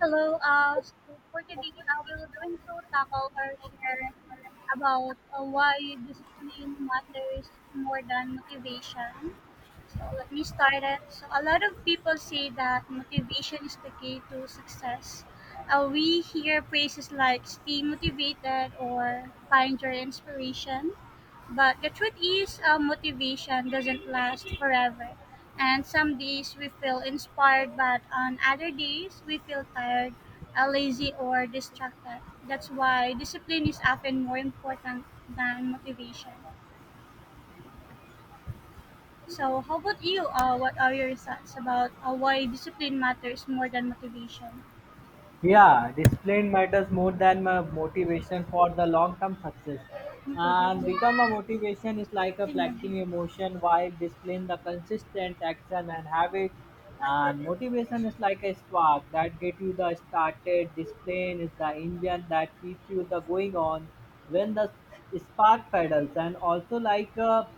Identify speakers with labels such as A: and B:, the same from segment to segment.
A: Hello. So for today, we will going to tackle or share about why discipline matters more than motivation. So let me start it. So a lot of people say that motivation is the key to success. We hear phrases like "stay motivated" or "find your inspiration." But the truth is, motivation doesn't last forever. And some days we feel inspired, but on other days we feel tired, lazy, or distracted. That's why discipline is often more important than motivation. So, how about you? What are your thoughts about why discipline matters more than motivation?
B: Yeah, discipline matters more than my motivation for the long-term success.
A: Okay,
B: And
A: go
B: become
A: ahead.
B: a motivation is like a
A: Yun
B: collecting emotion while discipline the consistent action and habit. And motivation is like a spark that get you the started. Discipline is the engine that keeps you the going on when the spark pedals and also like a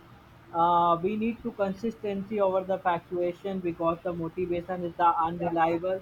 B: we need to consistency over the fluctuation because the motivation is the unreliable.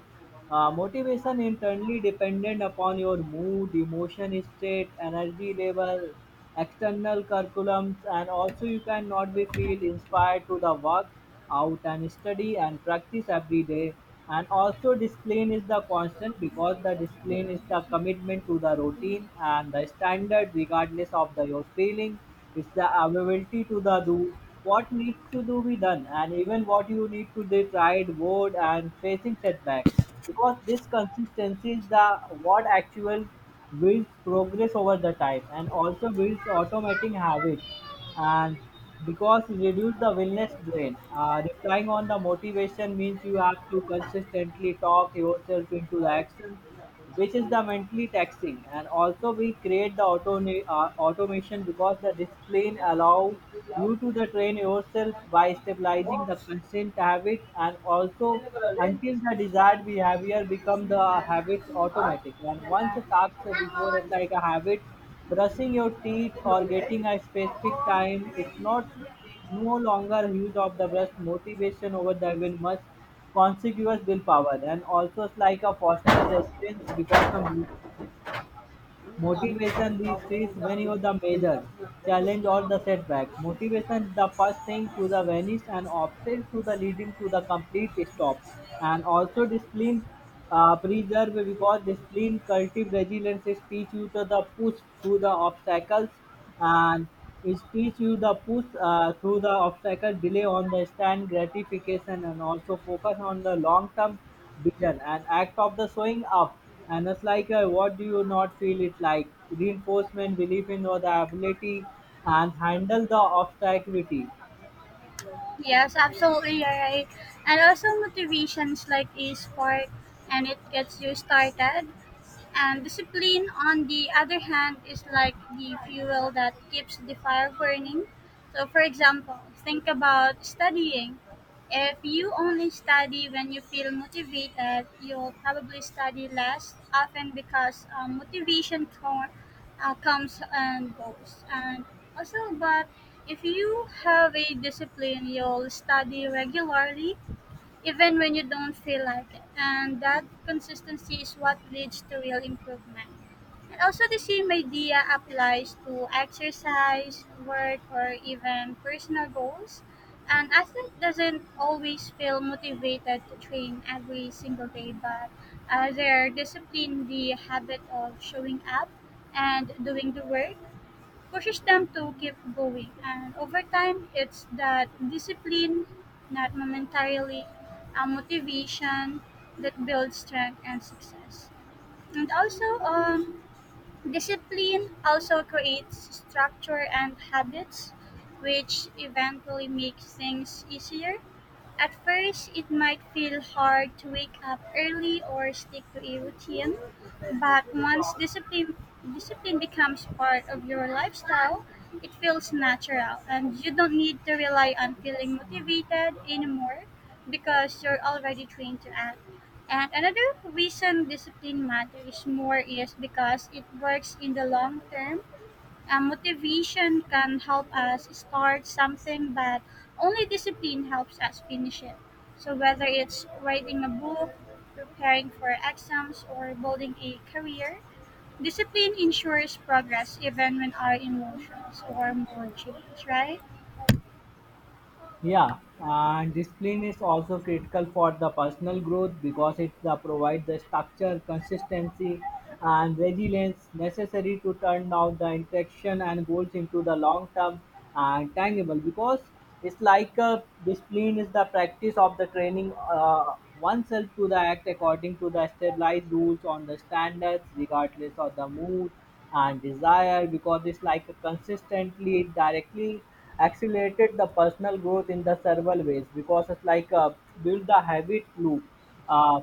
B: Motivation internally dependent upon your mood, emotion state, energy level, external curriculums, and also you cannot be feel inspired to the work out and study and practice every day and also discipline is the constant because the discipline is the commitment to the routine and the standard regardless of the your feeling. It's the availability to the do what needs to do be done and even what you need to be tried board and facing setback because this consistency is the what actual builds progress over the time and also builds automating habits and because reduce the wellness drain replying on the motivation means you have to consistently talk yourself into the action, which is the mentally taxing and also we create the auto automation because the discipline allow you to the train yourself by stabilizing the constant habit and also until the desired behavior become the habits automatic. And once a task before us like a habit brushing your teeth or
A: nga.
B: getting a specific time, its not no longer use of the brush motivation over the will much consequous willpower. And also it's like a foster resilience because of. Motivation reaches when you the major challenge or the setback. Motivation is the first thing to the vanish and often to the leading to the complete stop. And also discipline preserve because discipline cultivate resilience is teach you to the push through the obstacles, and it teach you the push through the obstacle delay on the stand gratification and also focus on the long term vision and act of the showing up. And it's like, what do you not feel it like? Reinforcement, belief in your the ability, and handle the obstacle.
A: Yes, absolutely you're right. And also motivations like a spark and it gets you started. And discipline, on the other hand, is like the fuel that keeps the fire burning. So, for example, think about studying. If you only study when you feel motivated, you'll probably study less often because motivation comes and goes. And also, but if you have a discipline, you'll study regularly even when you don't feel like it. And that consistency is what leads to real improvement. And also, the same idea applies to exercise, work, or even personal goals. An athlete doesn't always feel motivated to train every single day, but they're disciplined the habit of showing up and doing the work pushes them to keep going. And over time, it's that discipline, not momentarily, a motivation that builds strength and success. And also, discipline also creates structure and habits, which eventually makes things easier. At first, it might feel hard to wake up early or stick to a routine, but once discipline becomes part of your lifestyle, it feels natural and you don't need to rely on feeling motivated anymore because you're already trained to act. And another reason discipline matters more is because it works in the long term motivation can help us start something, but only discipline helps us finish it. So, whether it's writing a book, preparing for exams, or building a career, discipline ensures progress even when our emotions or mood change, right?
B: Yeah, and discipline is also critical for the personal growth because it provides the structure, consistency, and resilience necessary to turn out the interaction and goals into the long term and tangible. Because it's like discipline is the practice of the training oneself to the act according to the stabilized rules on the standards, regardless of the mood and desire because it's like a consistently directly accelerated the personal growth in the several ways because it's like build the habit loop. Uh,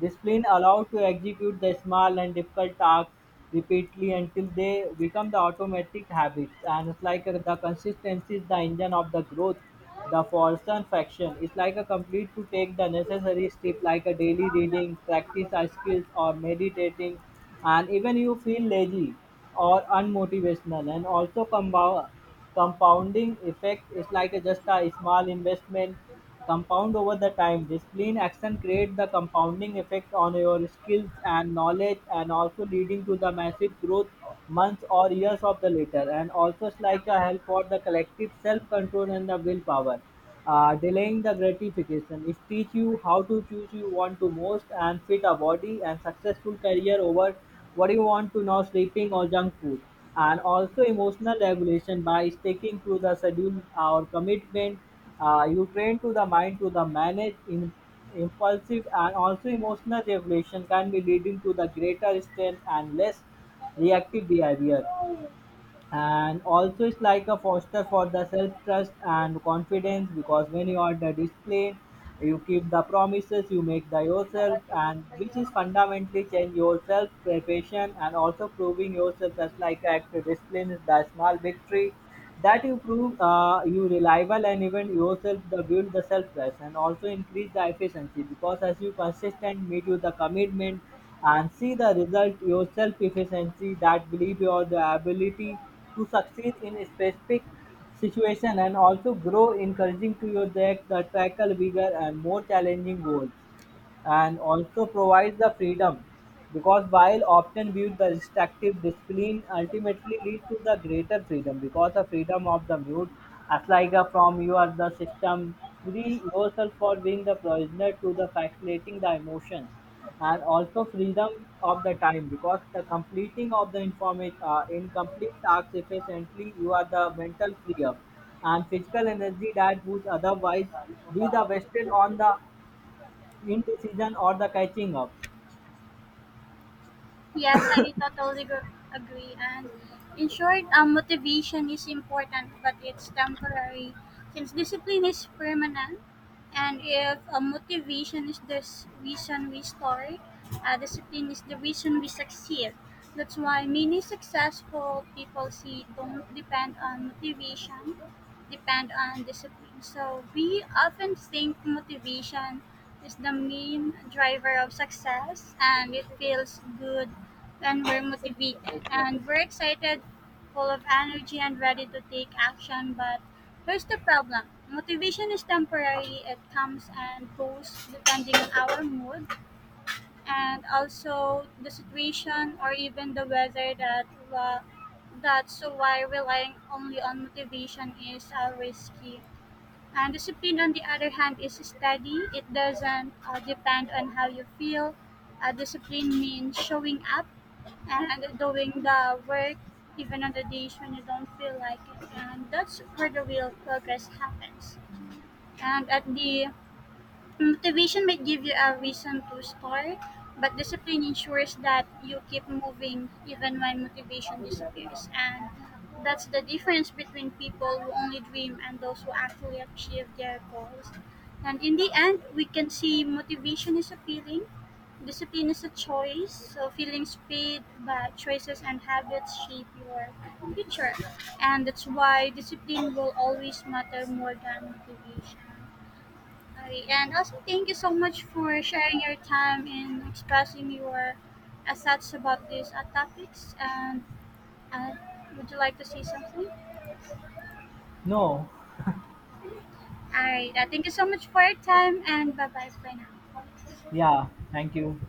B: Discipline allowed to execute the small and difficult tasks repeatedly until they become the automatic habits. And it's like the consistency is the engine of the growth. The Forson faction is like a complete to take the necessary step like a daily reading, practice our skills or meditating and even you feel lazy or unmotivational and also combine compounding effect is like a just a small investment compound over the time. Discipline action create the compounding effect on your skills and knowledge and also leading to the massive growth months or years of the later. And also it's like a help for the collective self-control and the willpower, delaying the gratification. It teach you how to choose you want to most and fit a body and successful career over what you want to know sleeping or junk food. And also emotional regulation by sticking to the schedule or commitment, you train to the mind to the manage in impulsive. And also emotional regulation can be leading to the greater strength and less reactive behavior. And also it's like a foster for the self trust and confidence because when you are the discipline, you keep the promises you make the yourself, and which is fundamentally change yourself preparation and also proving yourself as like act. Discipline is the small victory that you prove you reliable and even yourself the build the self trust and also increase the efficiency because as you consistent meet you the commitment and see the result your self efficiency that believe your the ability to succeed in a specific situation and also grow encouraging to your that the tackle bigger and more challenging goals. And also provides the freedom because while often viewed the restrictive discipline ultimately leads to the greater freedom because the freedom of the mute as like a from you are the system free yourself for being the prisoner to the facilitating the emotion. And also freedom of the time because the completing of the information, incomplete tasks efficiently, you are the mental free up and physical energy that would otherwise be the wasted on the indecision or the catching up.
A: Yes, agree. And in short, motivation is important, but it's temporary. Since discipline is permanent, and if motivation is the reason we start, discipline is the reason we succeed. That's why many successful people see don't depend on motivation, depend on discipline. So we often think motivation is the main driver of success, and it feels good and we're motivated and we're excited, full of energy and ready to take action. But here's the problem motivation is temporary, it comes and goes depending on our mood and also the situation or even the weather uh, that's why relying only on motivation is risky and discipline, on the other hand, is steady. It doesn't depend on how you feel. Discipline means showing up and doing the work even on the days when you don't feel like it. And that's where the real progress happens. And at the Motivation might give you a reason to start, but discipline ensures that you keep moving even when motivation disappears. And that's the difference between people who only dream and those who actually achieve their goals. And in the end, we can see motivation is a feeling, discipline is a choice. So feelings fade, but choices and habits shape your future. And that's why discipline will always matter more than motivation. Okay, and also thank you so much for sharing your time and expressing your thoughts about these topics. And uh, would you like to say something? All
B: No,
A: right, thank you so much for your time, and bye bye for now.
B: yeah, thank you.